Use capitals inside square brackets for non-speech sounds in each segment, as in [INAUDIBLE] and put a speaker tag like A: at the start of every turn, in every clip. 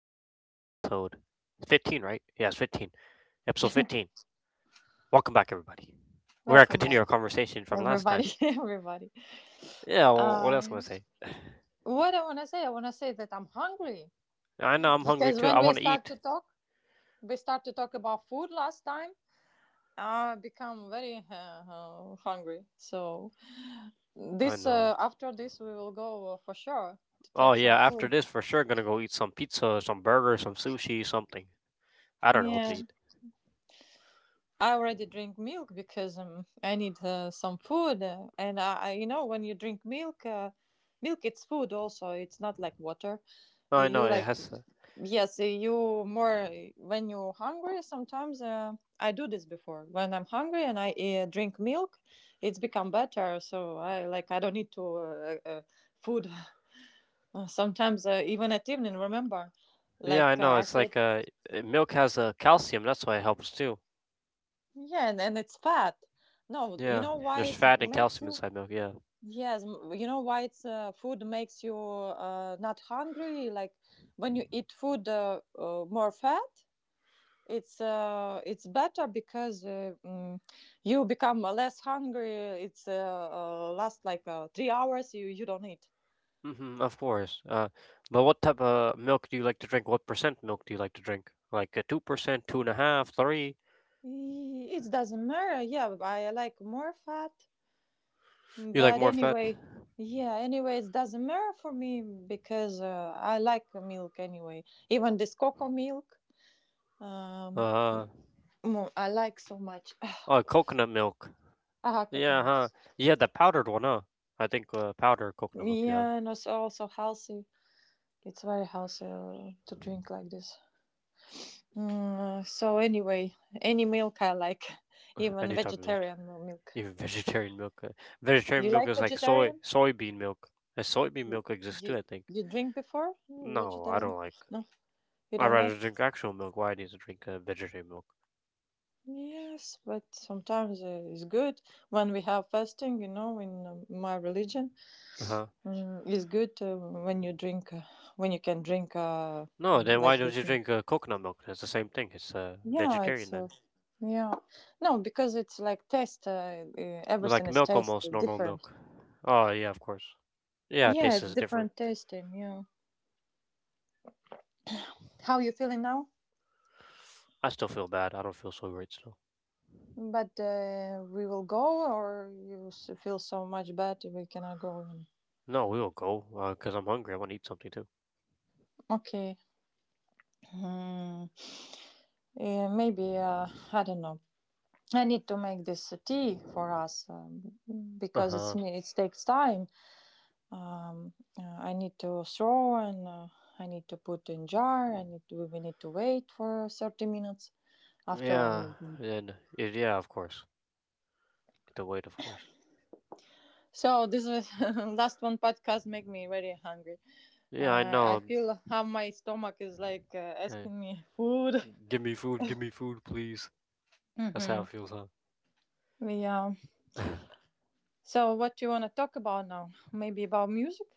A: Podcast, episode 15, right? Yes, 15. Episode 15. Welcome back, everybody. We're going to
B: Welcome
A: continue
B: back,
A: our conversation from last time.
B: everybody. [LAUGHS] everybody.
A: Yeah, well, what else can I
B: Um,
A: going to say?
B: what I want to say, I want to say that I'm hungry
A: [SIGHS] I know I'm hungry
B: because
A: too.
B: when
A: I
B: we
A: want to
B: start
A: eat.
B: to talk, we start to talk about food last time. I become very hungry. So
A: I
B: this
A: know.
B: after this, we will go for sure to
A: Oh,
B: take some
A: yeah, after
B: food.
A: this, for sure, going to go eat some pizza, some burger, some sushi, something. I don't know what to
B: Yeah,
A: eat.
B: I already drink milk because I need some food, and I, when you drink milk, milk it's food also. It's not like water
A: Oh, I know,
B: you
A: it
B: like.
A: has.
B: Yes, you more when you're hungry. Sometimes I do this before when I'm hungry and I drink milk. It's become better, so I like I don't need to food. [LAUGHS] Sometimes even at evening, remember,
A: Yeah,
B: like
A: I know.
B: I
A: It's
B: said,
A: like milk has calcium. That's why it helps too.
B: yeah, and it's fat. No, you
A: Yeah,
B: know why
A: there's
B: it
A: fat and
B: makes
A: calcium
B: you.
A: inside milk. Yeah.
B: Yes, you know why it's food makes you not hungry. Like when you eat food more fat, it's better because you become less hungry. It's last like 3 hours you don't eat.
A: Mhm, of course. But what type of milk do you like to drink? What percent milk do you like to drink? Like a 2%, two and a half, three?
B: I- it doesn't matter, yeah, I like more fat.
A: You like
B: But
A: more fat?
B: anyway, yeah, anyway it doesn't matter for me because I like milk anyway, even this cocoa milk. um
A: Uh,
B: I like so much.
A: oh,
B: [SIGHS]
A: coconut milk.
B: Ah,
A: Yeah,
B: coconut.
A: huh? Yeah, the powdered one, huh? I think powder coconut milk you have.
B: Yeah, and it's also healthy, it's very healthy to drink like this. So anyway, any milk I like, [LAUGHS]
A: [LAUGHS]
B: even
A: Any type of milk.
B: vegetarian milk.
A: Even [LAUGHS] vegetarian milk. Vegetarian
B: You
A: milk
B: like
A: is like
B: vegetarian?
A: soybean milk. Soybean
B: You
A: milk exists too,
B: you,
A: I think.
B: you drink before
A: No, I
B: vegetarian?
A: don't like.
B: No, you
A: I'd
B: don't
A: rather
B: like.
A: drink actual milk. Why I need to drink vegetarian milk?
B: Yes, but sometimes it's good when we have fasting. You know, in my religion,
A: Uh huh.
B: it's good when you can drink
A: No, then why
B: like
A: don't
B: this
A: you
B: milk.
A: drink coconut milk? It's the same thing. It's
B: Yeah, it's.
A: vegetarian then.
B: Yeah, no, because it's like taste.
A: Like
B: Everything is
A: milk
B: taste
A: almost, normal
B: different.
A: milk. Oh, yeah, of course. Yeah, it
B: Yeah,
A: tastes
B: it's
A: is different.
B: different tasting. Yeah. How you feeling now?
A: I still feel bad. I don't feel so great still.
B: But we will go, or you s- feel so much bad we cannot go in.
A: No, we will go because 'cause I'm hungry. I want to eat something too.
B: Okay. Hmm. Yeah, maybe I don't know. I need to make this tea for us,
A: Uh
B: because it's
A: huh.
B: ne- it takes time. I need to throw and I need to put in jar. I need to, we need to wait for 30 minutes after
A: Yeah,
B: only. Drink.
A: then, yeah, of course. The wait, of course.
B: So this was [LAUGHS] last one podcast make me very hungry.
A: Yeah, I
B: I
A: know.
B: feel how my stomach is like
A: Uh,
B: asking me food.
A: Give me food, give me food, please.
B: [LAUGHS]
A: That's how
B: hmm.
A: it feels, huh?
B: Yeah.
A: [LAUGHS]
B: So, what do you want to talk about now? Maybe about music?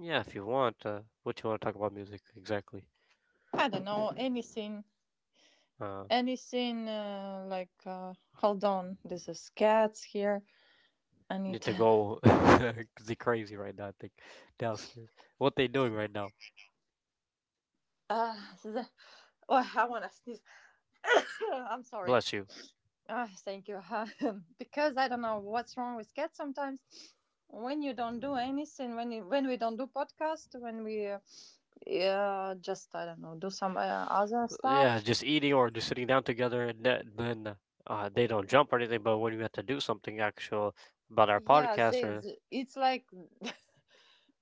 A: Yeah, if you want. What you want to talk about music exactly?
B: I don't know. Anything.
A: Uh,
B: Anything like, hold on, there's a cats here. I need
A: Need to
B: to. [LAUGHS]
A: go [LAUGHS] 'cause they crazy right now. I think downstairs. What they doing right now?
B: Uh, the- oh, I want to sneeze. [LAUGHS] I'm sorry.
A: Bless you.
B: Thank you. [LAUGHS] Because I don't know what's wrong with cats sometimes. When you don't do anything, when you, when we don't do podcast, when we yeah, just I don't know, do some other
A: Yeah,
B: stuff.
A: just eating or just sitting down together, and that, then they don't jump or anything. But when we have to do something actual about our
B: Yeah,
A: podcast, or
B: it's like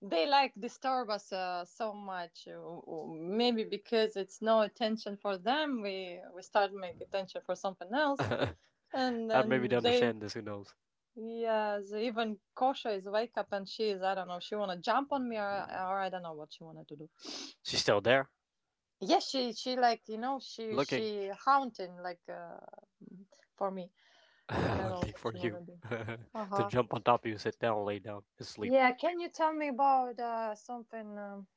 B: they like disturb us so much. Maybe because it's no attention for them we start make attention for something else, and
A: [LAUGHS] I maybe
B: then
A: to
B: they
A: understand this. Who knows?
B: yeah they even Kosha is wake up and she is I don't know she want to jump on me, or I don't know what she wanted to do.
A: She's still there,
B: Yeah, she like you know she
A: looking,
B: she haunting like for me.
A: [LAUGHS]
B: I don't know
A: hunting
B: what
A: for
B: she want
A: you.
B: to do.
A: [LAUGHS] To
B: Uh-huh.
A: jump on top of you, sit down, lay down, and sleep.
B: Yeah, can you tell me about something, um,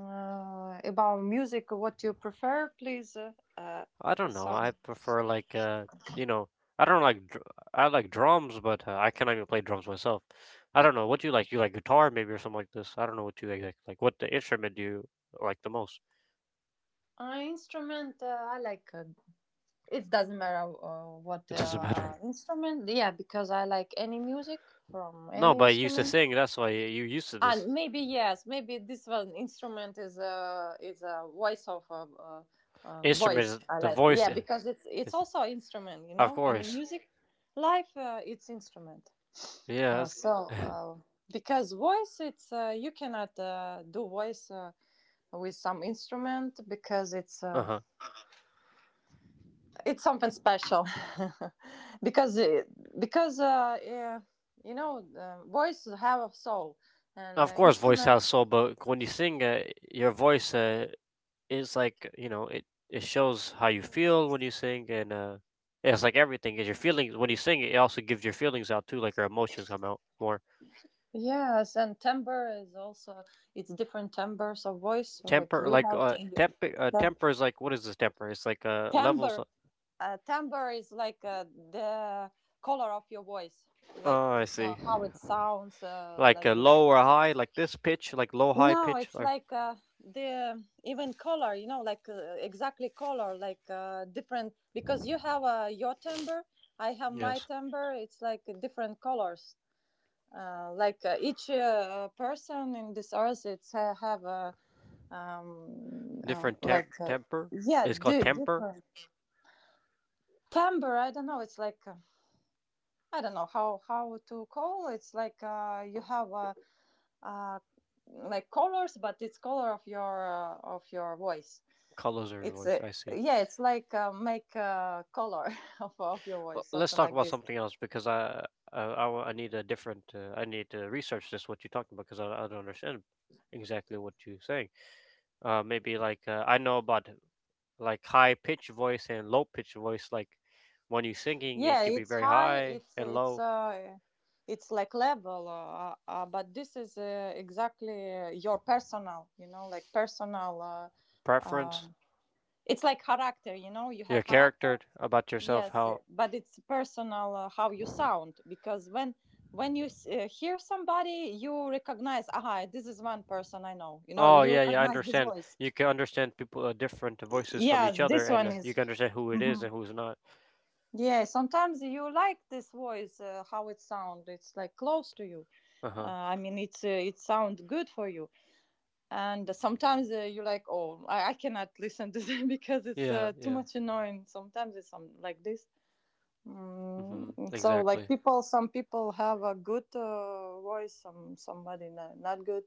B: uh, about music? What you prefer, please? Uh,
A: I
B: a
A: don't know. I
B: song,
A: prefer like you know, I don't like I like drums, but I cannot even play drums myself. I don't know what do you like. You like guitar maybe or something like this. I don't know what you like. Like what the instrument do you like the most?
B: instrument. I like. It doesn't matter
A: [LAUGHS]
B: what
A: It doesn't matter.
B: instrument. Yeah, because I like any music from
A: No,
B: any
A: but you used to
B: instrument.
A: sing. That's why you used to
B: And
A: this
B: maybe yes, maybe this one instrument is a voice of a,
A: instrument.
B: voice.
A: Is
B: I
A: the
B: like.
A: voice?
B: Yeah, because it's
A: Is
B: also an instrument. You
A: of
B: know, in the
A: course.
B: music life, it's instrument.
A: Yeah.
B: Uh,
A: That's,
B: so,
A: [LAUGHS]
B: uh, because voice, it's you cannot do voice with some instrument because
A: uh huh.
B: it's something special. [LAUGHS] because it, because yeah, you know, voice have a soul, and
A: Of course, voice
B: instrument.
A: has soul, but when you sing, your voice. It's like it shows how you feel when you sing and it's like everything is your feelings when you sing. It also gives your feelings out too, like your emotions come out more.
B: Yes, and timbre is also, it's different timbres of voice. Like
A: Temper
B: you
A: like
B: have, timbre.
A: temper temper is like what is this temper. It's like levels of-
B: Timbre. Timbre is like the color of your voice, like
A: oh, I
B: how,
A: see.
B: it sounds,
A: Like a
B: like this.
A: low or high, like this pitch, like low high
B: No,
A: pitch
B: it's
A: like
B: like the even color, you know, like exactly color, like different because you have your timbre, I have my
A: yes,
B: timbre. It's like different colors. Like each person in this earth, it's have a um, uh,
A: different
B: like uh,
A: temper.
B: yeah,
A: It's called temper.
B: different timbre. I don't know. It's like I don't know how to call. It's like you have uh, like colors, but it's color of your, of your voice.
A: Colors of your
B: It's
A: voice, I see.
B: yeah, it's like make color [LAUGHS] of your
A: Well,
B: voice,
A: let's
B: something
A: talk
B: like
A: about
B: this.
A: something else because I I need a different I need to research this what you're talking about because I don't understand exactly what you're saying. Maybe like I know about like high pitch voice and low pitch voice. Like when you're singing, it
B: Yeah,
A: could be
B: it's
A: very
B: high.
A: high
B: It's
A: and
B: it's
A: low.
B: uh, it's like level, but this is exactly your personal. You know, like personal.
A: Preference,
B: Um, it's like character. You know, you
A: your
B: have
A: character
B: character.
A: about yourself.
B: Yes,
A: How?
B: but it's personal, how you sound because when you s- hear somebody, you recognize, aha, this is one person I know. You know,
A: Oh
B: you
A: yeah, yeah. I
B: recognize this
A: understand.
B: voice.
A: You can understand people different voices from each
B: Yes,
A: other,
B: this
A: and
B: one
A: you
B: is.
A: can understand who it is
B: Mhm.
A: and who's not.
B: Yeah, sometimes you like this voice, how it sounds. It's like close to you.
A: Uh huh.
B: I mean, it sounds good for you. And sometimes you like, oh, I cannot listen to [LAUGHS] them because it's
A: Yeah,
B: too
A: yeah.
B: much annoying. Sometimes it's some like this.
A: Mm-hmm.
B: Mm, so like
A: Exactly.
B: people, some people have a good voice, some somebody not, not good.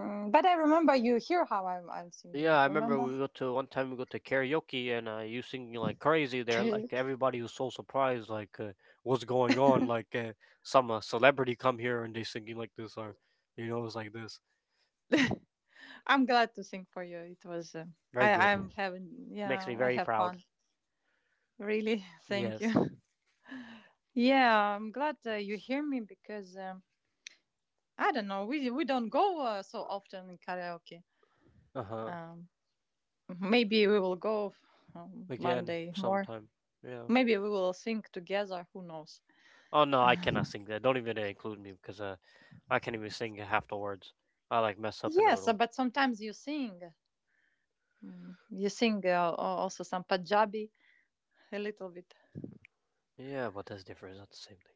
B: But I remember you hear how I'm
A: Yeah,
B: singing,
A: I remember
B: remember?
A: we go to one time we go to karaoke and you singing like crazy there.
B: Okay,
A: Like everybody was so surprised, like what's going on? Like some celebrity come here and they singing like this, or you know, it's like this.
B: I'm glad to sing for you. It was
A: Very
B: i
A: good.
B: i'm having,
A: Makes
B: yeah,
A: me
B: I
A: very
B: have
A: proud.
B: fun. Really. [LAUGHS] Thank
A: Yes.
B: you. [LAUGHS] Yeah, I'm glad you hear me because I don't know we don't go so often in karaoke.
A: Uh huh.
B: um maybe we will go, one
A: Again,
B: day more,
A: sometime. Yeah.
B: maybe we will sing together, who knows?
A: Oh no, I cannot sing that. Don't even include me because I can't even sing half the words. I like mess up in the
B: Yes,
A: middle.
B: but sometimes you sing. You sing also some Punjabi a little bit.
A: Yeah, but that's different. It's not the same thing.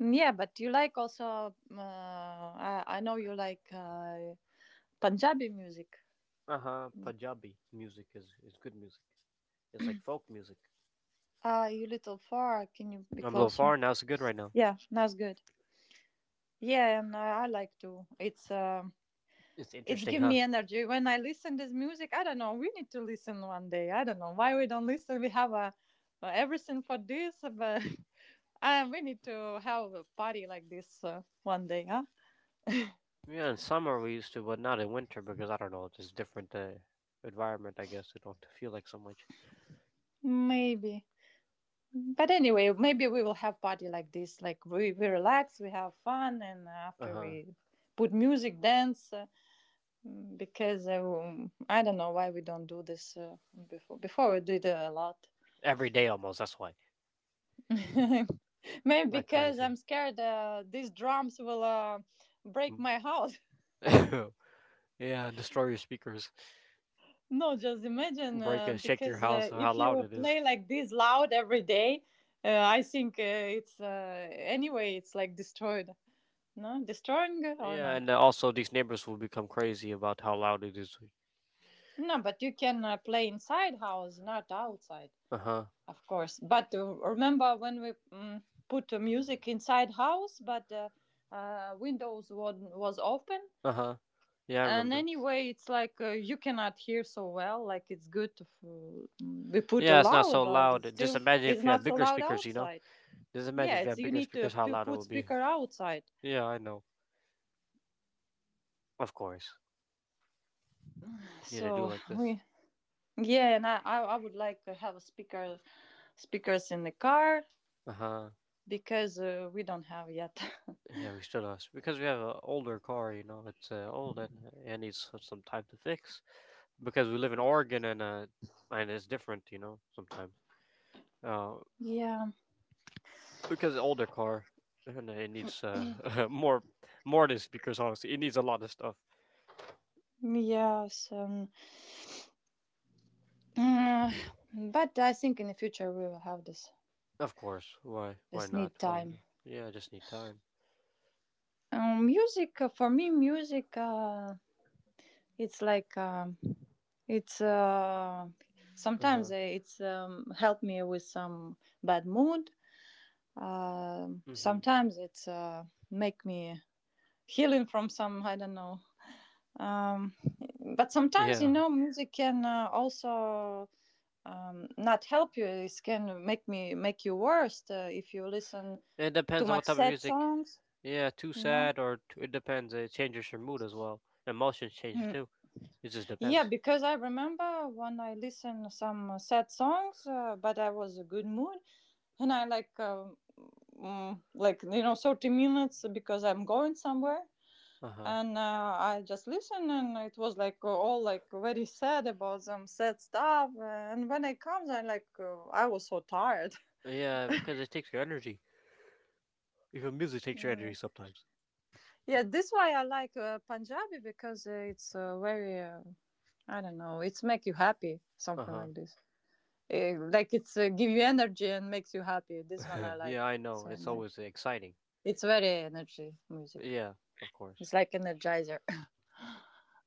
B: Yeah, but you like also. I know you like Punjabi music.
A: Uh huh. Punjabi music is good music. It's like folk music.
B: You little far. Can you be
A: I'm a little far
B: closer?
A: now. It's good right now.
B: Yeah, that's good. Yeah, and I like to.
A: It's
B: It's
A: interesting,
B: give
A: huh?
B: me energy when I listen this music. I don't know. We need to listen one day. I don't know why we don't listen. We have a everything for this, but we need to have a party like this one day, huh?
A: Yeah, in summer we used to, but not in winter because I don't know. It's just different environment, I guess. It don't feel like so much.
B: Maybe. But anyway, maybe we will have party like this. Like we relax, we have fun, and
A: Uh
B: after
A: huh.
B: we put music, dance. Because I don't know why we don't do this before. Before we did a lot.
A: Every day almost. That's why.
B: [LAUGHS] Maybe
A: Not
B: because
A: crazy.
B: I'm scared these drums will break
A: Mm.
B: my house.
A: [LAUGHS] Yeah, destroy your speakers,
B: No, just imagine
A: break and shake your
B: because
A: house. How
B: if
A: loud
B: you
A: it is.
B: play like this loud every day, I think it's anyway it's like destroyed. No, destroying or
A: Yeah,
B: not?
A: and also these neighbors will become crazy about how loud it is.
B: No, but you can play inside house, not outside,
A: Uh huh.
B: of course. But remember when we put music inside house, but windows was open,
A: Uh huh. Yeah, I
B: and
A: remember.
B: anyway it's like you cannot hear so well, like it's good to f- we put a
A: Yeah, it's not
B: loud
A: so
B: but it's
A: loud. Just
B: still
A: imagine
B: it's
A: if you have
B: not so
A: bigger
B: loud
A: speakers. You know.
B: outside.
A: Just imagine
B: Yeah,
A: if you
B: it's
A: have
B: you
A: bigger
B: need to,
A: speakers, how
B: to
A: loud it
B: put
A: will be.
B: speaker outside,
A: Yeah, I know. Of course. Yeah, they do
B: so
A: like this.
B: we yeah, and I would like to have a speakers in the car
A: Uh huh.
B: because we don't have yet. [LAUGHS]
A: Yeah, we still us because we have an older car. You know, it's old and it needs some time to fix. Because we live in Oregon and it's different. You know, sometimes. Uh,
B: Yeah.
A: because older car and it needs [LAUGHS] more more than speakers. Honestly, it needs a lot of stuff.
B: Yes, uh, but I think in the future we will have this.
A: Of course. Why? Why
B: Just
A: not?
B: need
A: Why would
B: time.
A: not? Yeah, I just need time.
B: Music, for me music it's like it's
A: Uh huh.
B: sometimes it's help me with some bad mood.
A: Mhm.
B: Sometimes it's make me healing from some I don't know. Um, but sometimes, you
A: Yeah.
B: know, music can also not help you. It can make me make you worse if you listen
A: It
B: too
A: depends on
B: much
A: what type of
B: sad
A: music.
B: songs.
A: Yeah, too
B: You know.
A: sad or too, it depends. It changes your mood as well. Emotions change too. It just
B: Yeah,
A: depends.
B: because I remember when I listened some sad songs, but I was a good mood, and I like like you know 30 minutes because I'm going somewhere,
A: Uh huh.
B: and I just listen, and it was like all like very sad about some sad stuff, and when I comes, I like I was so tired. [LAUGHS]
A: Yeah, because it takes your energy. Your music takes your energy
B: Mm.
A: sometimes.
B: Yeah, this why I like Punjabi because it's very I don't know, it's make you happy,
A: Uh
B: something
A: huh.
B: like this. Eh, like it's give you energy and makes you happy. This one
A: [LAUGHS]
B: I
A: Yeah,
B: like
A: I know.
B: so
A: It's
B: much.
A: always exciting.
B: It's very energy music.
A: Yeah, of course.
B: It's like energizer. [LAUGHS]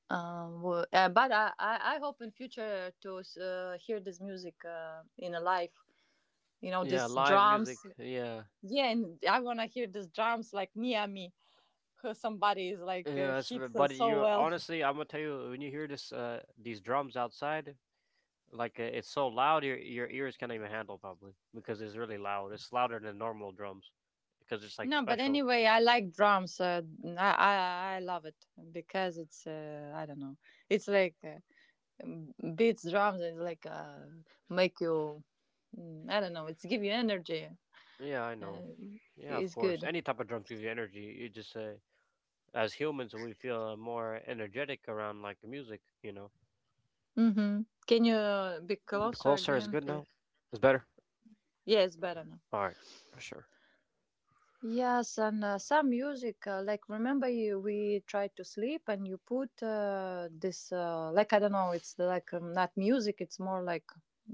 B: But I hope in future to hear this music in a live. You know,
A: Yeah,
B: these
A: live music.
B: drums.
A: Yeah.
B: Yeah, and I wanna hear these drums like near me. [LAUGHS] Somebody is like
A: Yeah,
B: hits
A: but
B: so
A: you
B: well. [LAUGHS]
A: honestly, I'm gonna tell you when you hear this, these drums outside. Like it's so loud, your ears can't even handle probably because it's really loud. It's louder than normal drums because it's like
B: No, but
A: special.
B: anyway, I like drums. I love it because it's I don't know. It's like. Beats drums and like make you I don't know, it's give you energy
A: Yeah, I
B: uh,
A: know. Yeah, of
B: it's
A: course.
B: good.
A: Any type of drums gives you energy. You just as humans, we feel more energetic around like music. You know,
B: hmm can you be closer
A: closer is
B: again
A: good now.
B: please?
A: It's better.
B: Yeah, it's better now.
A: All right, for sure.
B: Yes, and some music like remember you, we tried to sleep and you put this like I don't know it's like not music, it's more like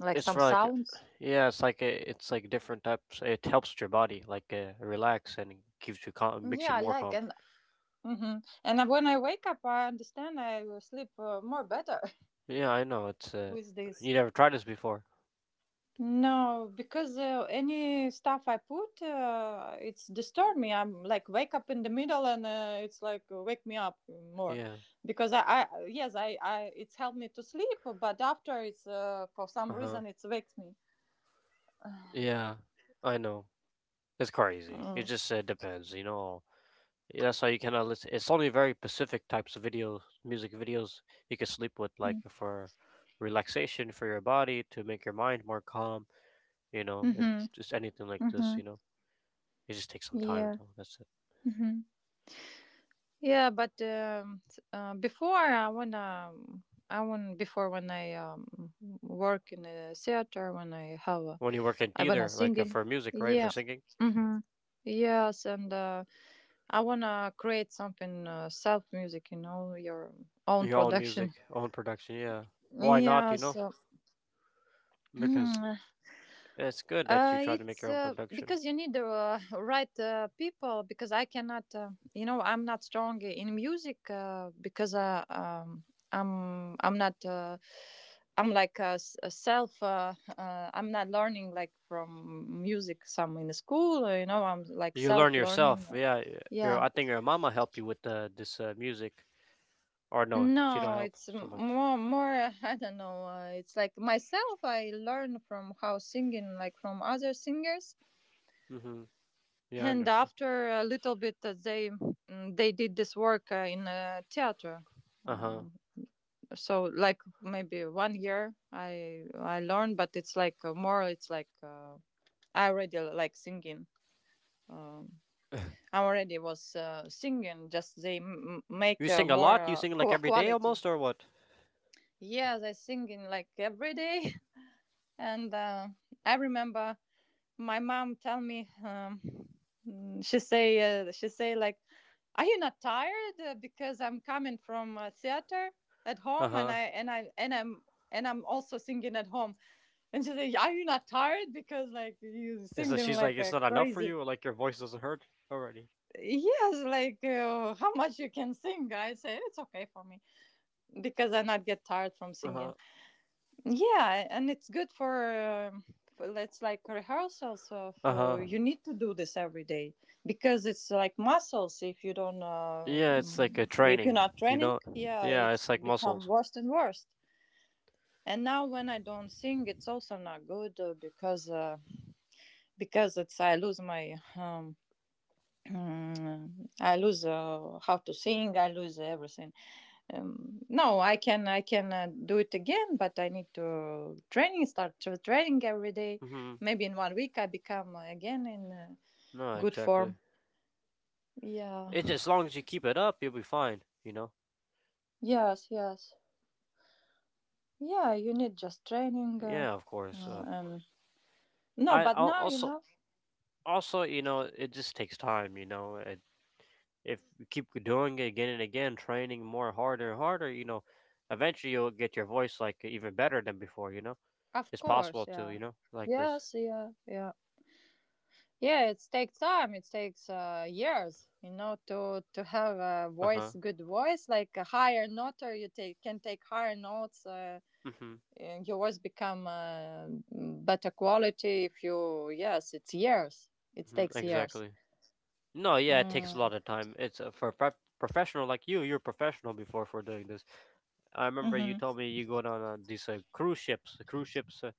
B: like
A: It's
B: some
A: for like,
B: sounds.
A: yeah, it's like a, it's like different types. It helps your body like relax and it keeps you calm, makes you
B: Yeah, I
A: more
B: like.
A: calm.
B: And hmm and when I wake up I understand I will sleep more better.
A: Yeah, I know. It's
B: [LAUGHS] With this.
A: you never tried this before.
B: No, because any stuff I put, it's disturb me. I'm like wake up in the middle, and it's like wake me up more,
A: Yeah.
B: because I, it's helped me to sleep, but after it's for some
A: Uh-huh.
B: reason it's wakes me.
A: Yeah, I know. It's crazy. It
B: Mm.
A: just depends, you know. Yeah, that's how you cannot listen. It's only very specific types of videos, music videos you can sleep with, like for relaxation for your body to make your mind more calm. You know, it
B: Mhm.
A: just anything like this. You
B: Mhm.
A: know, it just takes some time
B: Yeah.
A: though. That's it.
B: Mhm. Yeah, but before I wanna, I want before when I work in a theater, when I have
A: When you work in
B: I wanna
A: theater,
B: sing
A: like
B: it.
A: for music, right, for
B: Yeah.
A: singing,
B: Mm-hmm. Yes, and I wanna create something self music, you know, your own
A: your own
B: production.
A: music, own production. Yeah, why not?
B: Yeah,
A: You know,
B: so.
A: because
B: [CLEARS THROAT]
A: it's good that you try to make
B: It's
A: your own production.
B: Because you need the [LAUGHS] right people. Because I cannot, you know, I'm not strong in music because I'm not. I'm like a, s- a self. I'm not learning like from music. Some in school, you know. I'm like
A: You learn
B: self learning.
A: yourself. Yeah, your
B: Yeah.
A: I think your mama helped you with this music, or no, she don't
B: No,
A: help
B: it's
A: so
B: m-
A: much.
B: more more. [LAUGHS] I don't know. It's like myself. I learn from how singing, like from other singers.
A: Mm-hmm. Yeah, I
B: And
A: understand.
B: after a little bit they did this work in a theater,
A: Uh huh.
B: um, so like maybe one year I learned, but it's like I already like singing, um, I already was singing, just they m- make
A: You sing a lot. You sing like every day
B: quality.
A: almost, or what?
B: Yes, I sing in like every day. [LAUGHS] And I remember my mom tell me she say like, are you not tired? Because I'm coming from theater at
A: Uh
B: home and
A: huh.
B: I'm also singing at home, and she said, are you not tired because like you
A: Is that
B: singing
A: she's like
B: like
A: it's
B: a
A: not enough for
B: crazy?
A: you, or like your voice doesn't hurt already?
B: Yes, like how much you can sing. I say it's okay for me because I not get tired from
A: Uh
B: singing.
A: huh.
B: Yeah, and it's good um, for let's like rehearsals of
A: Uh huh.
B: you need to do this every day, because it's like muscles. If you don't
A: Yeah, it's like a
B: if you're
A: training.
B: not
A: You
B: training,
A: know.
B: yeah,
A: Yeah, it's
B: it's
A: like
B: become
A: muscles.
B: worse and worse. And now when I don't sing, it's also not good because it's I lose my [CLEARS THROAT] I lose how to sing. I lose everything. No, I can do it again, but I need to training, start to training every day.
A: Mm-hmm.
B: Maybe in one week I become again in
A: No,
B: good
A: exactly.
B: form. Yeah.
A: It as long as you keep it up, you'll be fine. You know.
B: Yes, yes, yeah, you need just training.
A: Yeah, of course.
B: And no,
A: I
B: but now you
A: also
B: know.
A: also you know it just takes time. You know, it if you keep doing it again and again, training more harder and harder, you know, eventually you'll get your voice like even better than before, you know?
B: Of
A: It's
B: course,
A: possible to,
B: yeah.
A: you know, like this.
B: yes yeah yeah yeah, it takes time, it takes years, you know, to have a
A: Uh huh.
B: voice, good voice, like a higher note, or you take can take higher notes.
A: Mm-hmm.
B: Your voice become better quality if you. Yes, it's years, it
A: Hmm.
B: takes years.
A: Exactly. No, yeah, it takes a
B: Mm.
A: lot of time. It's for a prep professional like you. You're a professional before for doing this. I remember you
B: Hmm.
A: told me you go down on these cruise ships. The cruise ships uh,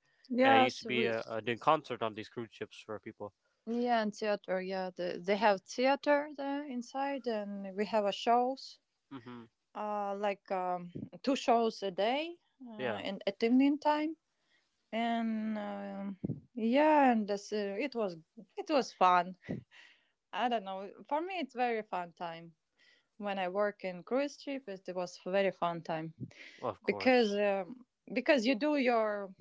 A: uh, used to
B: Yes,
A: be
B: we.
A: doing concert on these cruise ships for people.
B: Yeah, and theater, yeah, they have theater there inside and we have a shows
A: Mm-hmm.
B: like two shows a day
A: Yeah,
B: in at evening time. And yeah, and it was, it was fun. I don't know, for me it's very fun time. When I work in cruise ship, it was very fun time,
A: of course.
B: because um, because you do your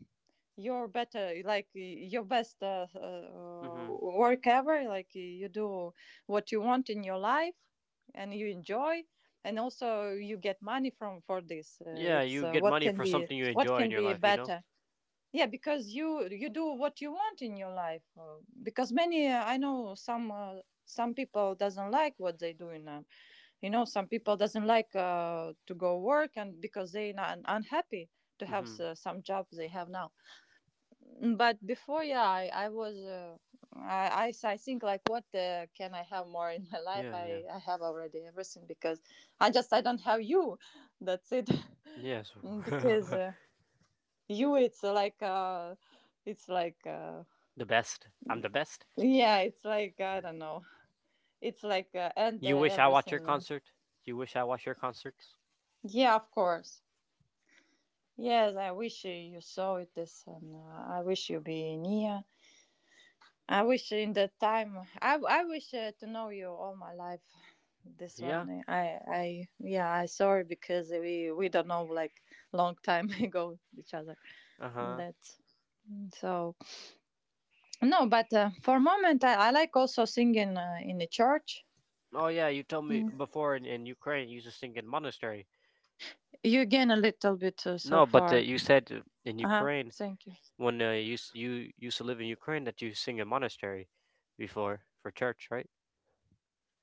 B: your better like, your best
A: Mm-hmm.
B: work ever, like you do what you want in your life and you enjoy, and also you get money from for this.
A: Yeah,
B: It's
A: you get
B: What
A: money
B: can
A: for
B: be,
A: something you
B: what
A: enjoy
B: can
A: in your
B: be
A: life, you know?
B: better? Yeah, because you do what you want in your life. Because many I know some people doesn't like what they do in you know, some people doesn't like to go work, and because they not unhappy to have
A: Mm-hmm.
B: s- some job they have now. Mm, but before, I was I think like, what can I have more in my [LAUGHS] life?
A: Yeah, yeah.
B: I have already everything, because I just, I don't have you, that's it.
A: Yeah, so
B: [LAUGHS] Because
A: [LAUGHS]
B: you, it's like it's like uh,
A: the best. I'm the best.
B: yeah, it's like I don't know. It's like and
A: You wish I watch your
B: Everything.
A: concert? You wish I watch your concerts?
B: Yeah, of course. Yes, I wish you saw it this, and I wish you be near. I wish in that time. I wish to know you all my life. This
A: Yeah.
B: one, I yeah, I sorry because we don't know like long time [LAUGHS] ago each other.
A: Uh-huh.
B: That, so, no, but for moment, I like also singing in the church.
A: Oh yeah, you told me
B: Mm.
A: before in Ukraine you used to sing in monastery.
B: You gain a little bit so
A: No, but
B: far.
A: you said in
B: Uh huh.
A: Ukraine
B: Thank you.
A: when you used to live in Ukraine that you sing in monastery before for church, right?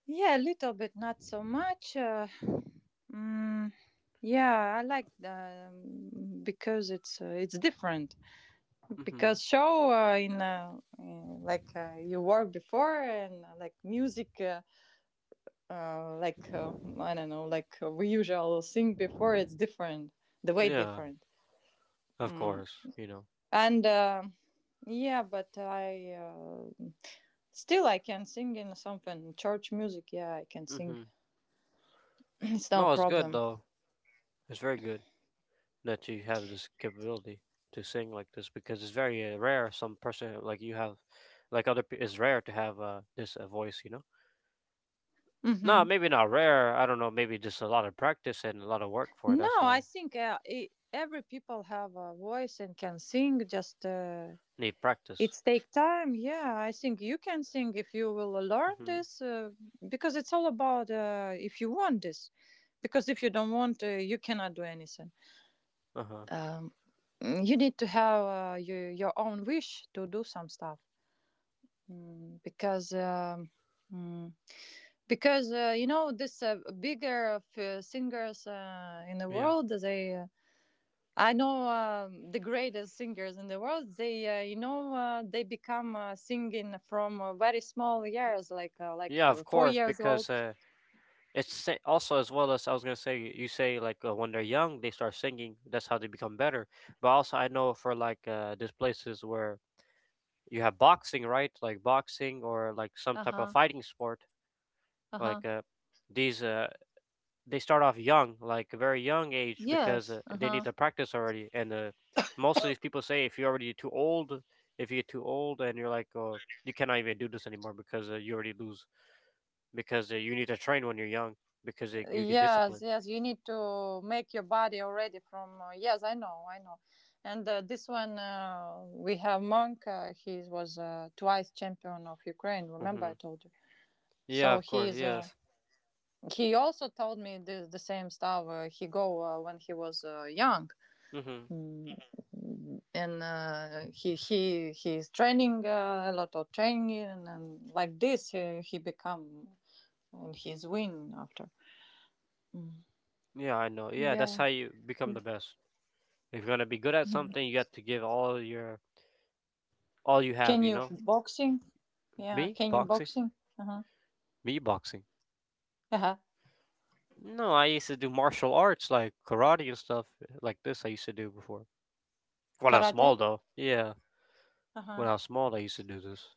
B: Yeah, a little bit, not so much. Mm, yeah, I like the, because it's different.
A: Mm-hmm.
B: Because show like you work before, and like music, uh, like uh, I don't know, like we usually sing before. It's different, the way
A: Yeah,
B: different.
A: of
B: Mm.
A: course, you know.
B: And yeah, but I. Still, I can sing in something church music. Yeah, I can sing.
A: Mm-hmm.
B: [LAUGHS] [CLEARS THROAT] It's no
A: No, it's good
B: problem.
A: though. It's very good that you have this capability to sing like this because it's very rare. Some person like you have, like other, it's rare to have this voice. You know, no,
B: Hmm.
A: maybe not rare. I don't know. Maybe just a lot of practice and a lot of work for it.
B: No,
A: That's why
B: I think every people have a voice and can sing. Just
A: need practice.
B: it's take time. Yeah, I think you can sing if you will learn
A: Hmm.
B: this. Because it's all about if you want this. Because if you don't want, you cannot do anything.
A: Uh huh.
B: Um, you need to have your own wish to do some stuff. Mm, because. Um, mm, because you know this bigger of, singers in the
A: Yeah.
B: world they. I know the greatest singers in the world they, you know they become singing from uh, very small years like uh, like
A: Yeah. Of
B: uh, four
A: course,
B: years old.
A: because also as well as I was gonna say. You say like when they're young, they start singing. That's how they become better. But also, I know for like these places where you have boxing, right? Like boxing or like some type of
B: Uh-huh.
A: fighting sport
B: Uh-huh.
A: like these they start off young like a very young age because
B: Yes.
A: they need
B: Uh-huh.
A: to practice already and most of these people say if you're already too old, if you get too old and you're like, oh, you cannot even do this anymore because you already lose because you need to train when you're young because you get
B: Yes,
A: disciplined.
B: yes, you need to make your body already from. Yes, I know, I know. And this one we have monk he was twice champion of Ukraine, remember
A: Hmm.
B: I told you? So
A: Yeah, of course,
B: he's
A: yes.
B: he also told me the same stuff. He go when he was young,
A: Hmm.
B: Mm, and he's training a lot of training, and like this he become, and he's win after. Mm.
A: Yeah, I know, yeah, that's how
B: Yeah.
A: you become the best. If you're gonna be good at
B: Mhm.
A: something, you have to give all your, all you have,
B: Can
A: you
B: you
A: know.
B: boxing? Yeah.
A: Me
B: Can you
A: boxing?
B: boxing? Uh huh.
A: Me boxing?
B: Uh huh.
A: No, I used to do martial arts like karate and stuff like this. I used to do before when I was small,
B: Karate.
A: though. Yeah,
B: Uh
A: when
B: huh.
A: I was small, I used to do this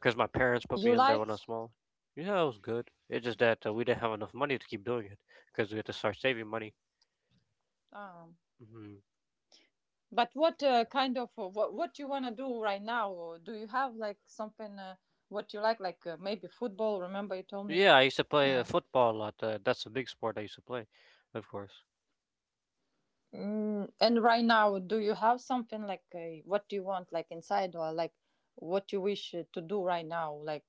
A: because my parents put me
B: You
A: in there
B: like?
A: when I was small. Yeah, it was good. It's just that we didn't have enough money to keep doing it because we had to start saving money.
B: Um.
A: Hmm.
B: But what kind of what you wanna do right now? Or do you have like something what you like maybe football? Remember you told me.
A: Yeah, I used to play
B: Uh,
A: football a lot. That's a big sport I used to play, of course.
B: and right now, do you have something like what you want like inside, or like what you wish to do right now? Like,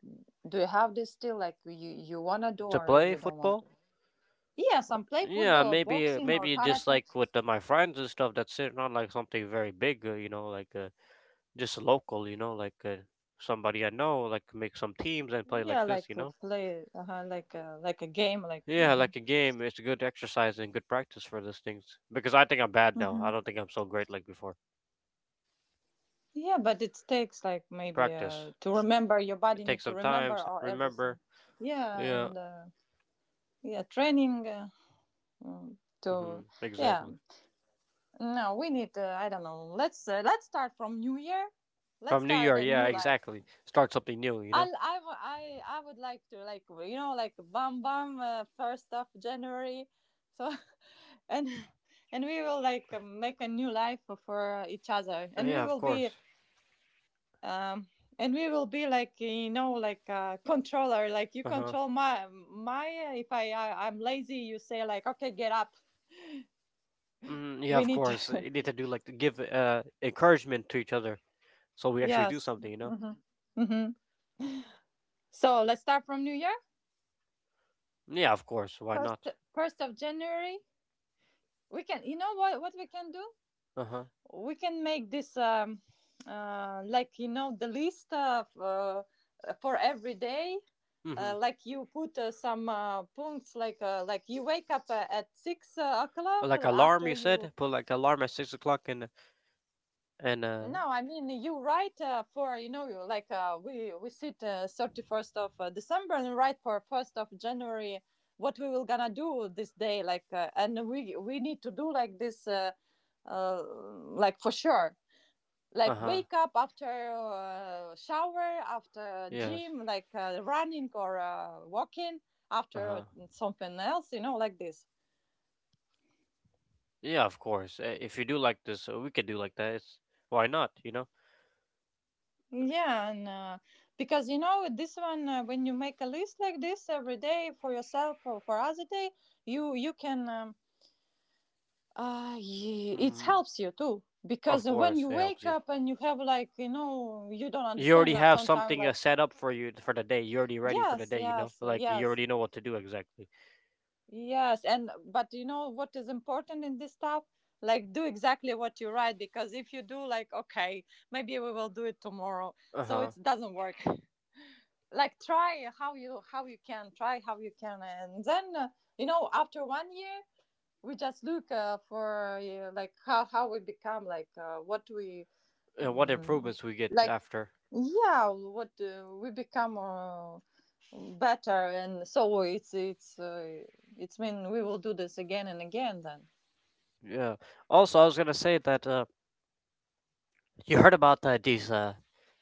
B: do you have this still like you wanna do,
A: To
B: or
A: play
B: you don't want
A: football?
B: to? Yeah, some play
A: Yeah,
B: football or
A: maybe uh,
B: boxing or
A: maybe just
B: karate.
A: like with my friends and stuff. That's it. Not like something very big, you know, like. Just local, you know, like somebody I know, like make some teams and play like
B: Yeah,
A: this, you
B: like
A: know.
B: play like a game like.
A: Yeah,
B: Uh-huh.
A: like a game. It's good exercise and good practice for those things because I think I'm bad now. I don't think I'm so great like before.
B: Yeah, but it takes like maybe
A: Practice.
B: to remember, your body
A: It takes
B: need to
A: some time.
B: remember or
A: Remember.
B: everything. Yeah,
A: Yeah.
B: and yeah, training mm, to,
A: Hmm.
B: yeah.
A: Exactly.
B: No, we need. I don't know. Let's start from new year. Let's
A: From New
B: start
A: Year.
B: a
A: Yeah.
B: new life.
A: Exactly. Start something new. You know.
B: I'll, I, w- I would like to like like bam bam first of January, so [LAUGHS] and and we will like make a new life for each other, and
A: Yeah.
B: we
A: Of
B: will
A: course.
B: be um and we will be like like a controller, like you
A: Uh huh.
B: control my, if I'm lazy you say like, okay, get up,
A: Mm, yeah.
B: we
A: Of
B: need
A: course.
B: to.
A: You need to do like give encouragement to each other so
B: [LAUGHS]
A: we actually do
B: Yes.
A: something. You know.
B: Hmm. So let's start from new year.
A: Yeah. Of course. Why
B: first
A: not?
B: First of January, we can, you know what we can do.
A: Uh huh.
B: We can make this, like, the list of, for every day,
A: Hmm.
B: like you put, some, points, like, like you wake up, at six o'clock,
A: Like alarm,
B: after
A: you
B: you.
A: said? Put like alarm at 6 o'clock and
B: No, I mean, you write, for, you know, you like, we sit, 31st, 31st of, December, and write for first of January what we will gonna do this day, like, and we need to do like this, like, for sure, like
A: uh huh.
B: wake up, after, shower, after
A: Yes.
B: gym, like, running, or, walking,
A: Uh
B: after
A: huh.
B: something else, you know, like this.
A: Yeah, of course. If you do like this, we could do like that. It's why not? You know.
B: Yeah, and, because, you know, this one, when you make a list like this every day for yourself or for other day, you you can um, it
A: Hmm.
B: helps you too.
A: Of
B: Because when
A: course,
B: you
A: it helps
B: wake
A: you.
B: up and you have, like, you don't
A: You
B: understand,
A: already
B: like,
A: have
B: sometimes,
A: something
B: like,
A: set up for you for the day. You're already ready for the
B: yes,
A: day. You know,
B: yes,
A: like you
B: yes.
A: already know what to do exactly.
B: Yes, and but, you know, what is important in this stuff, like, do exactly what you write, because if you do like, okay, maybe we will do it tomorrow,
A: Uh
B: so
A: huh.
B: it doesn't work. Like, try how you, can, try how you can, and then, you know, after one year we just look, for, like how, we become, like, what we,
A: And what
B: um,
A: improvements we get
B: like,
A: after.
B: yeah, what, we become, better. And so it's mean we will do this again and again, then.
A: Yeah. Also, I was gonna say that you heard about these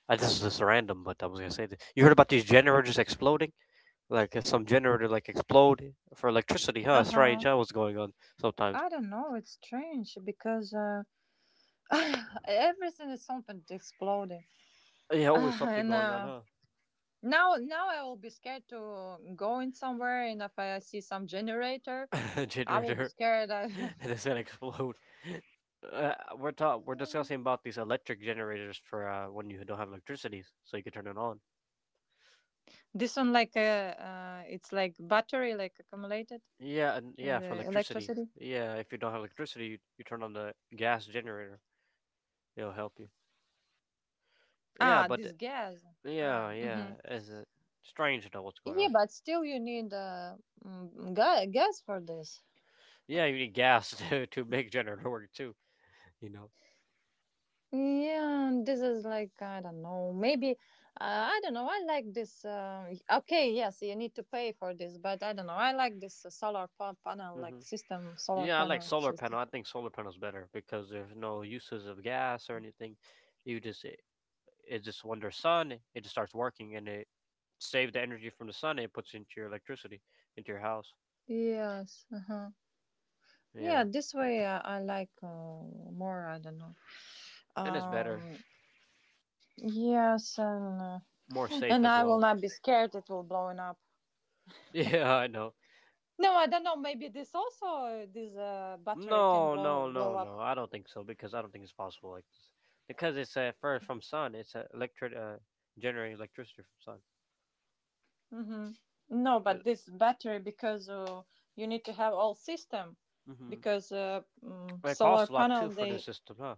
A: this is just random, but I was gonna say that you heard about these generators exploding. Like some generator like explode for electricity, huh?
B: Uh-huh.
A: Strange, huh? What's going on sometimes?
B: I don't know, it's strange because, uh, [LAUGHS] everything is something exploding.
A: Yeah,
B: [SIGHS]
A: always
B: Ah,
A: something
B: and,
A: going on, huh?
B: now, I will be scared to go in somewhere, and if I see some generator
A: [LAUGHS] A
B: I will be
A: generator,
B: scared, I,
A: [LAUGHS] and
B: [LAUGHS]
A: it's gonna explode. Uh, we're
B: yeah.
A: discussing about these electric generators for when you don't have electricity, so you can turn it on.
B: This one, like, it's like battery, like accumulated,
A: Yeah, and yeah, for
B: the
A: electricity.
B: electricity.
A: Yeah, if you don't have electricity, you turn on the gas generator. It'll help you. Yeah,
B: Ah,
A: but
B: this gas.
A: yeah, yeah,
B: Mhm.
A: it's strange to know what's going
B: Yeah,
A: on.
B: but still, you need, gas for this.
A: Yeah, you need gas [LAUGHS] to make generator work too. You know.
B: Yeah, and this is like, I don't know. Maybe, I don't know. I like this. Okay, yes, you need to pay for this, but I don't know, I like this, panel
A: Mm-hmm.
B: like system, solar
A: Yeah, I like
B: panel
A: solar
B: system.
A: panel. I think solar panel's better because there's no uses of gas or anything. You just it, it's just under sun, it just starts working and it saves the energy from the sun and it puts into your electricity into your house.
B: Yes. Uh huh.
A: Yeah,
B: Yeah, this way, I like, more. I don't know.
A: and it's better,
B: Um. Yes, and, uh,
A: more safe
B: and
A: as
B: I will
A: well.
B: not
A: [LAUGHS]
B: be scared, it will blowing up.
A: Yeah, I know.
B: No, I don't know, maybe this also, this, battery can
A: No,
B: blow
A: no, no,
B: blow up.
A: no. I don't think so because I don't think it's possible like this. Because it's first from sun, it's electric generating electricity from sun.
B: Mm-hmm. No,
A: Uh,
B: but this battery, because, you need to have all system,
A: mhm.
B: because,
A: It
B: solar
A: costs a lot
B: panel,
A: too for this
B: they,
A: system, huh?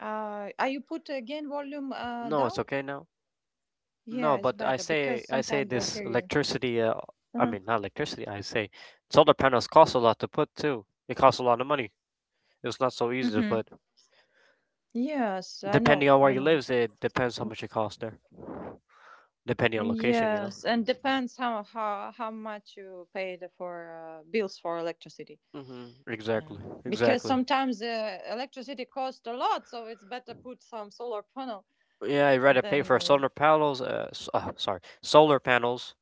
B: are you put again volume,
A: No, it's
B: down?
A: okay now. No,
B: Yeah, it's
A: but I
B: better
A: say
B: because
A: I say
B: sometimes I
A: this
B: hear you.
A: electricity. I
B: Mm-hmm.
A: mean, not electricity. I say solar panels cost a lot to put too. It costs a lot of money. It's not so easy to
B: Mm-hmm.
A: put.
B: Yes, I
A: Depending
B: know,
A: on where
B: I
A: you
B: know.
A: live, it depends how much it costs there. Depending on location, you know.
B: Yes, and depends how much you paid for, bills for electricity.
A: Hmm. Exactly.
B: Because
A: Exactly.
B: sometimes, electricity costs a lot, so it's better put some solar panel
A: Yeah, I'd rather pay
B: than,
A: for solar panels. Sorry, solar panels,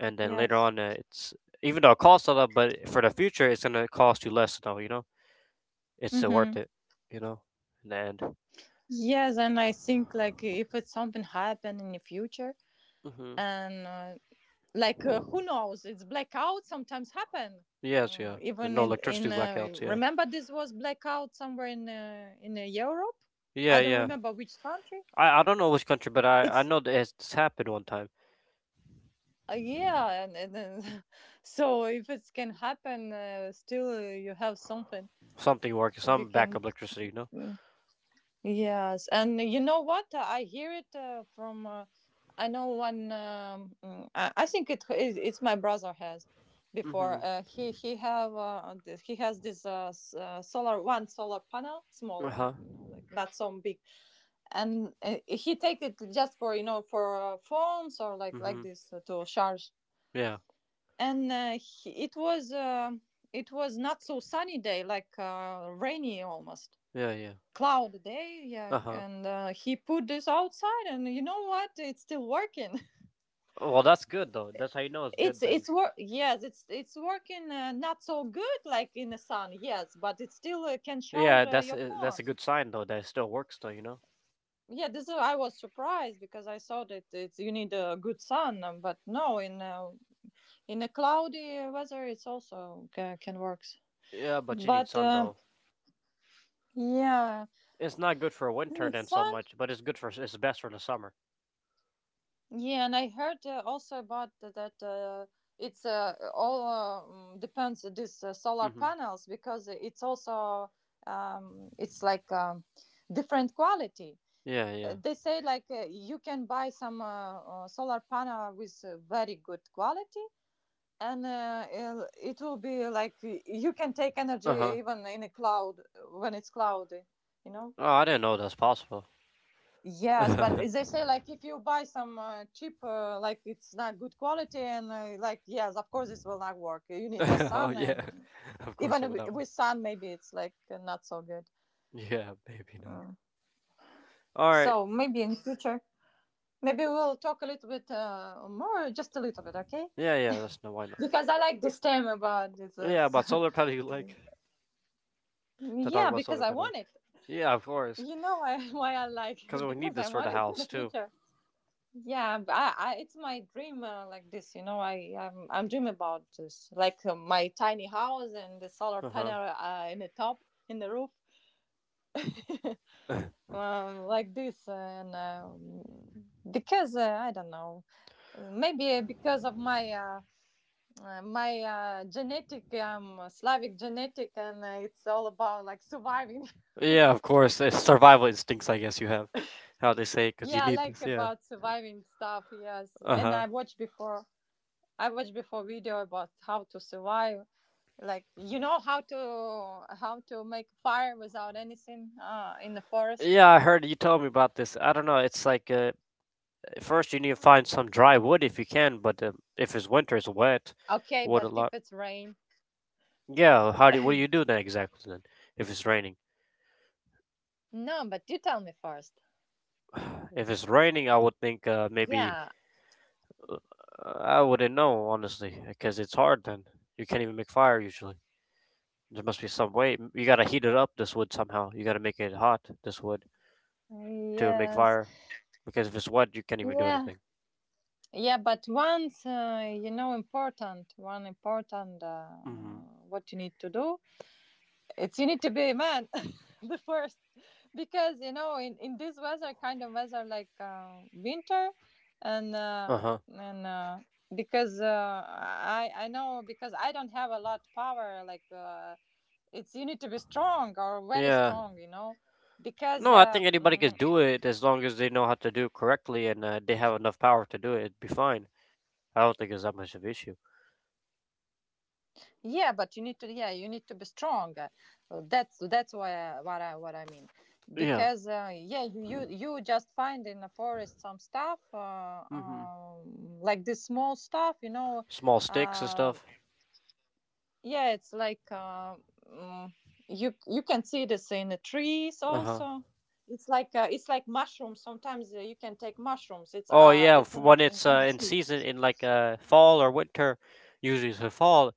A: and then later
B: yes.
A: on, it's, even though it costs a lot, but for the future, it's gonna cost you less. Though, you know, it's
B: Mm-hmm.
A: worth it. You know, in the end.
B: Yes, and I think, like, if it's something happen in the future,
A: Hmm.
B: and, like, who knows, it's blackout sometimes happen.
A: Yes, yeah.
B: Mm, even
A: No
B: in,
A: electricity
B: in uh,
A: blackouts, yeah.
B: remember, this was blackout somewhere in, Europe.
A: Yeah,
B: I don't
A: yeah.
B: remember which country.
A: I don't know which country, but I
B: It's,
A: know that it's happened one time.
B: yeah, [LAUGHS] so if it can happen, still, you have something
A: Something working,
B: you
A: some
B: can.
A: backup electricity, you know?
B: Mm. Yes, and you know what? I hear it, from. I know one. I think it's my brother has
A: Mm-hmm.
B: before. He has this, solar, one solar panel, small one,
A: Uh-huh.
B: you know, like not so big, and, he take it just for you know for phones, or like
A: Mm-hmm.
B: this, to charge.
A: Yeah,
B: And, he, it was not so sunny day, like, rainy, almost
A: yeah, yeah.
B: cloud day, yeah,
A: Uh-huh.
B: and, he put this outside, and you know what, it's still working.
A: Well, that's good, though. That's how you know it's
B: [LAUGHS] it's
A: good, then.
B: it's work, yes, it's working, not so good like in the sun, yes, but it still, can charge,
A: Yeah,
B: your
A: that's
B: phone.
A: a good sign, though, that it still works, though, you know?
B: Yeah, I was surprised because I thought that it's you need a good sun, but no, in, in a cloudy weather it's also, can works.
A: Yeah, but you need
B: But,
A: sun, though.
B: yeah,
A: It's not good for
B: we
A: winter,
B: need
A: then, so
B: sun.
A: much, but it's good for, it's best for the summer.
B: Yeah, and I heard, also about, that, it's, all, depends on these, solar
A: Mm-hmm.
B: panels, because it's like, different quality.
A: Yeah, yeah.
B: They say like, you can buy some, solar panel with, very good quality, and, it will be like, you can take energy
A: Uh-huh.
B: even in a cloud, when it's cloudy, you know.
A: Oh, I didn't know that's possible. [LAUGHS]
B: Yes, but
A: Oh,
B: they say, like, if you buy some, cheap, like it's not good quality, and, like, yes, of course this will not work. You need just sun,
A: yeah.
B: and,
A: [LAUGHS] Of
B: even
A: course it would not work.
B: with sun, maybe it's like, not so good.
A: Yeah, [LAUGHS] maybe not.
B: Mm.
A: All right.
B: So maybe in future, maybe we'll talk a little bit, more, just a little bit, okay?
A: Yeah, yeah. That's no. Why
B: [LAUGHS]
A: not?
B: Because I like this term about this.
A: Yeah, about solar panel. [LAUGHS] You like
B: [LAUGHS]
A: to talk
B: Yeah,
A: about
B: because
A: solar
B: I
A: panel? Like,
B: want it.
A: yeah, of course.
B: You know why, [LAUGHS] why I like
A: Because
B: it?
A: we need
B: Because I
A: this for the
B: want it in the
A: house too.
B: future. Yeah, it's my dream like this. I'm dream about this, like, my tiny house and the solar
A: Uh huh.
B: panel, in the top, in the roof, [LAUGHS] like this, and, because, I don't know, maybe because of my, my, genetic, Slavic genetic, and, it's all about like surviving.
A: Yeah, of course. It's survival instincts, I guess you have. How they say?
B: [LAUGHS]
A: Because you
B: Yeah,
A: need
B: like
A: this. Yeah.
B: about surviving stuff. Yes,
A: Uh
B: and
A: huh.
B: I watched before, I watched before video about how to survive, like, how to make fire without anything, in the forest.
A: Yeah, I heard you told me about this. I don't know. It's like first you need to find some dry wood if you can, but if it's winter, it's wet.
B: Okay,
A: Wood a
B: but if
A: lot.
B: it's rain.
A: Yeah. How do? What do you do then exactly then? If it's raining.
B: No, but you tell me first.
A: [SIGHS] If it's raining, I would think maybe
B: Yeah.
A: I wouldn't know, honestly, because it's hard then. You can't even make fire usually. There must be some way. You gotta heat it up, this wood, somehow. You gotta make it hot, this wood, to make
B: Yes.
A: fire. Because if it's wet, you can't even do
B: yeah
A: anything.
B: yeah. But once, you know, important, one important,
A: Hmm.
B: what you need to do, it's you need to be a man. [LAUGHS] The first, because you know, in this weather, kind of weather, like, winter, and,
A: Uh huh.
B: and uh, because, I know, because I don't have a lot power, like, it's you need to be strong, or very
A: Yeah.
B: strong, because,
A: No, I think anybody can do it as long as they know how to do it correctly and they have enough power to do it. It'd be fine. I don't think it's that much of an issue.
B: yeah, but you need to yeah, you need to be strong. That's why, I, what I what I mean,
A: Yeah.
B: because, yeah, you just find in the forest some stuff,
A: Hmm.
B: like this small stuff.
A: Small sticks and
B: Uh,
A: stuff.
B: yeah, it's like, mm, you can see this in the trees
A: Uh huh.
B: also. It's like, it's like mushrooms sometimes, you can take mushrooms, it's,
A: Oh
B: uh,
A: yeah,
B: it's in, it
A: when
B: in,
A: it's
B: on a
A: in
B: tree.
A: season in like fall or winter, usually it's a fall,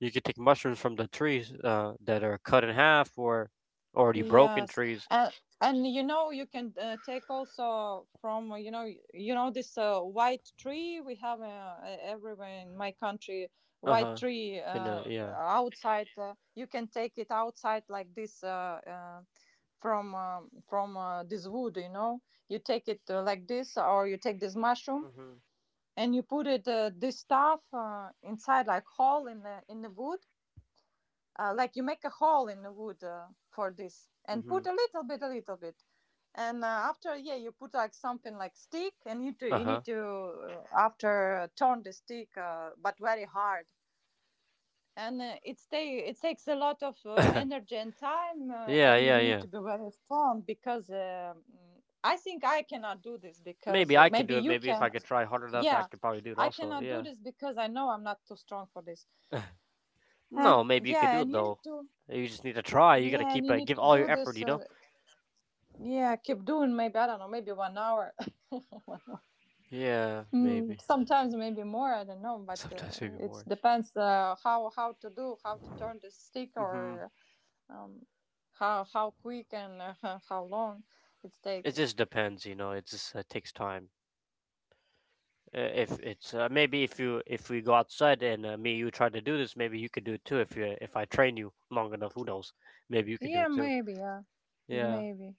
A: you can take mushrooms from the trees that are cut in half or already broken
B: Yes,
A: trees.
B: and you know, you can, take also from, you know, you know this, white tree we have, everywhere in my country, white
A: Uh-huh.
B: tree,
A: And yeah.
B: outside, you can take it outside like this, from, this wood. You take it, like this, or you take this mushroom,
A: Mhm.
B: and you put it, this stuff, inside, like hole in the wood, like you make a hole in the wood, for this, and
A: Mhm.
B: put a little bit. And, after, yeah, you put like something like stick, and you
A: Uh-huh.
B: need to, after turn the stick, but very hard. And, it takes a lot of, energy and time,
A: Yeah,
B: and
A: yeah,
B: you need
A: yeah.
B: to be very strong, because, I think I cannot do this
A: Maybe
B: because,
A: I could
B: maybe
A: do it.
B: you
A: Maybe if
B: can.
A: I could try hard enough, I
B: Yeah,
A: could probably do it
B: I
A: also.
B: cannot do
A: Yeah.
B: this because I know I'm not too strong for this. Uh,
A: No, maybe you could
B: yeah,
A: do
B: and
A: it
B: you
A: though.
B: need to
A: You just need to try. You got to
B: yeah, and
A: keep
B: you need
A: give
B: to
A: all
B: do
A: your effort,
B: this.
A: you know?
B: Yeah, keep doing maybe, I don't know, maybe one hour. [LAUGHS] One hour.
A: Yeah, maybe.
B: Mm, sometimes maybe more, I don't know, but,
A: Sometimes maybe
B: it
A: more.
B: depends, how to do, how to turn the stick,
A: Mhm.
B: or, um, how quick, and, [LAUGHS] how long it
A: It
B: takes.
A: just depends, you know. It just takes time. If it's maybe if we go outside and me and you try to do this, maybe you could do it too. If I train you long enough, who knows? Maybe you could do
B: Yeah,
A: it too.
B: maybe, yeah.
A: Yeah.
B: Maybe.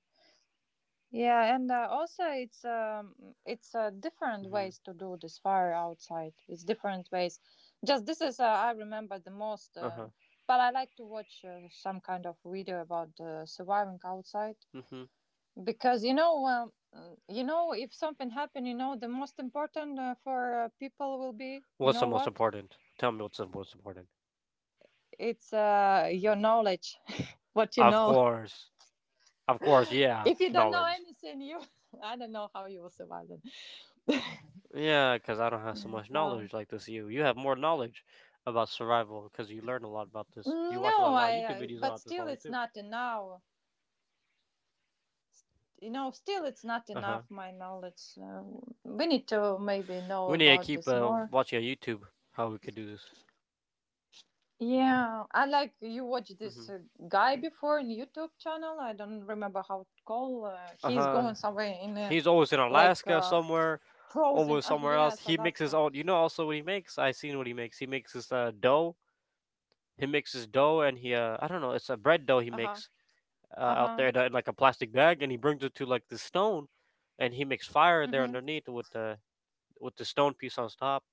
B: Yeah, and, also it's, it's different
A: Mm-hmm.
B: ways to do this fire outside. It's different ways. Just this is, I remember the most,
A: Uh huh.
B: but I like to watch, some kind of video about, surviving outside,
A: Mm-hmm.
B: because you know, if something happen, you know the most important, for, people will be, you
A: What's
B: know
A: the most
B: what,
A: important? Tell me what's the most important.
B: it's, your knowledge, [LAUGHS] what you
A: Of
B: know.
A: course, of course. Yeah,
B: If you don't know
A: knowledge.
B: anything, you. [LAUGHS] I don't know how you will survive then.
A: Yeah, because I don't have so much
B: So.
A: knowledge like this. You have more knowledge about survival because you learn a lot about this. You watch a
B: No,
A: lot of
B: I,
A: YouTube
B: I.
A: videos
B: But
A: about this
B: still,
A: probably
B: it's
A: too.
B: not enough. You know, still, it's not
A: Uh huh.
B: enough. My knowledge. We need to maybe know
A: We need to
B: about
A: keep
B: this more.
A: watching on YouTube how we could do this.
B: Yeah, I like you watch
A: Mm-hmm.
B: this, guy before in YouTube channel. I don't remember how to call.
A: Uh
B: He's
A: huh.
B: going somewhere in,
A: He's always in
B: like,
A: Alaska somewhere,
B: frozen. [LAUGHS]
A: always somewhere else.
B: Yes,
A: He makes his
B: Alaska.
A: own. You know, also what he makes. I seen what he makes. He makes this dough. He mixes dough and he. I don't know. It's a bread dough he
B: Uh huh.
A: makes
B: Uh
A: out
B: huh.
A: there in, in like a plastic bag, and he brings it to like the stone, and he makes fire there
B: Mm-hmm.
A: underneath with the stone piece on top,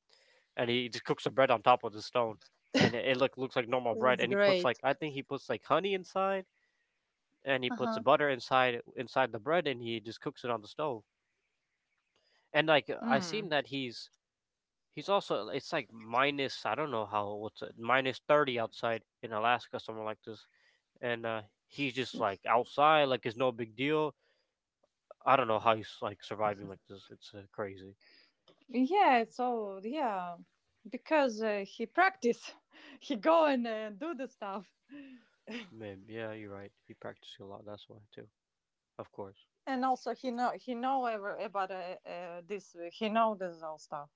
A: and he just cooks the bread on top of the stone, and it looks like normal bread.
B: It's
A: And he puts like
B: great.
A: I think he puts like honey inside, and he
B: Uh
A: puts
B: huh.
A: butter inside the bread, and he just cooks it on the stove. And like I seen
B: Mm.
A: that he's also it's like minus, I don't know how, what's it, minus 30 outside in Alaska somewhere like this, and he's just like outside like it's no big deal. I don't know how he's like surviving like this. It's crazy.
B: Yeah, so yeah, because, he practice, [LAUGHS] he go and, do the stuff,
A: Man, yeah, you're right. He practices a lot. That's why too. Of course.
B: and also he know ever about, this. Uh, he know this all stuff.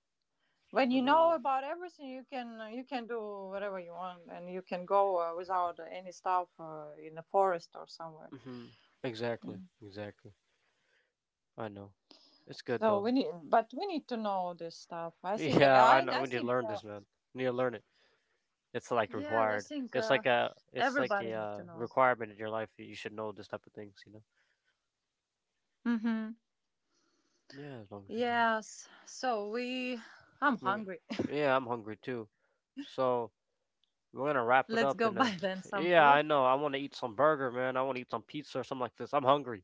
B: When you know
A: Mhm.
B: about everything, you can, do whatever you want, and you can go, without any stuff, in the forest or somewhere.
A: Mhm. Exactly.
B: Mm.
A: Exactly. I know. It's good
B: So
A: though. [LAUGHS]
B: but we need to know this stuff. I think
A: Yeah, I
B: I
A: know.
B: I
A: We need to
B: think,
A: learn this, man. We need to learn it. It's like
B: yeah, I
A: required.
B: think,
A: It's like a. It's like
B: everybody
A: a
B: need to know.
A: requirement in your life. You should know this type of things. You know.
B: Hmm.
A: Yeah, as long as you know.
B: Yes. So we. I'm
A: We're go-
B: hungry.
A: Yeah, I'm hungry too. So we're gonna wrap
B: [LAUGHS]
A: it
B: Let's
A: up.
B: go
A: And
B: buy then some
A: yeah,
B: food.
A: I know. I want to eat some burger, man. I want to eat some pizza or something like this. I'm hungry.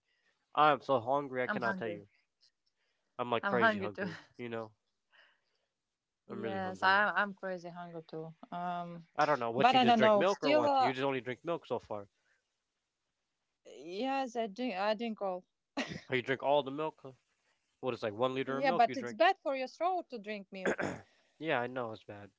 A: I am so hungry. I
B: I'm
A: cannot tell
B: hungry.
A: you. I'm like
B: I'm
A: crazy
B: hungry too. [LAUGHS]
A: hungry. You know, I'm really
B: Yes,
A: hungry.
B: I'm crazy hungry too.
A: I don't know what
B: But
A: you
B: I
A: just
B: don't
A: drink
B: know.
A: milk or
B: Still,
A: what. You just only drink milk so far.
B: yes, I drink all.
A: Or you drink all the milk? Huh? What is like 1 liter of
B: Yeah,
A: milk you
B: but it's
A: drink?
B: bad for your throat to drink milk.
A: Yeah, I know it's bad.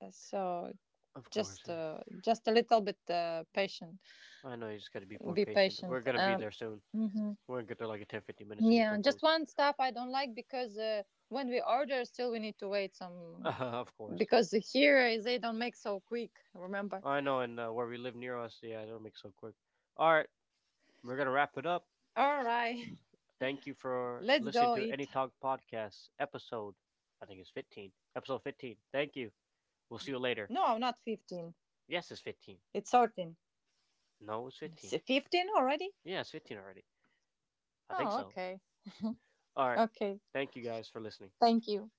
B: So
A: Of course.
B: just,
A: Yeah.
B: uh, just a little bit, patient.
A: I know you just gotta be more
B: Be
A: patient. We're
B: patient.
A: gonna be there soon.
B: Mhm.
A: We're gonna get there like in 10, 15 minutes to get
B: Yeah,
A: some food.
B: just one stuff I don't like, because, when we order, still we need to wait some,
A: [LAUGHS] Of course.
B: because here, they don't make so quick, remember?
A: Oh, I know, and where we live near us, yeah, it'll make so quick. All right, we're gonna wrap it up.
B: All right,
A: Thank you
B: [LAUGHS]
A: for
B: let's
A: listening
B: go
A: to Any
B: eat.
A: Talk Podcast episode. I think it's 15. Episode 15. Thank you. We'll see you later.
B: No, not 15.
A: Yes, it's 15.
B: It's 13.
A: No, it's 15.
B: It's 15 already?
A: Yeah, it's 15 already. I think
B: Oh,
A: so.
B: okay.
A: All right.
B: Okay.
A: Thank you guys for listening.
B: Thank you.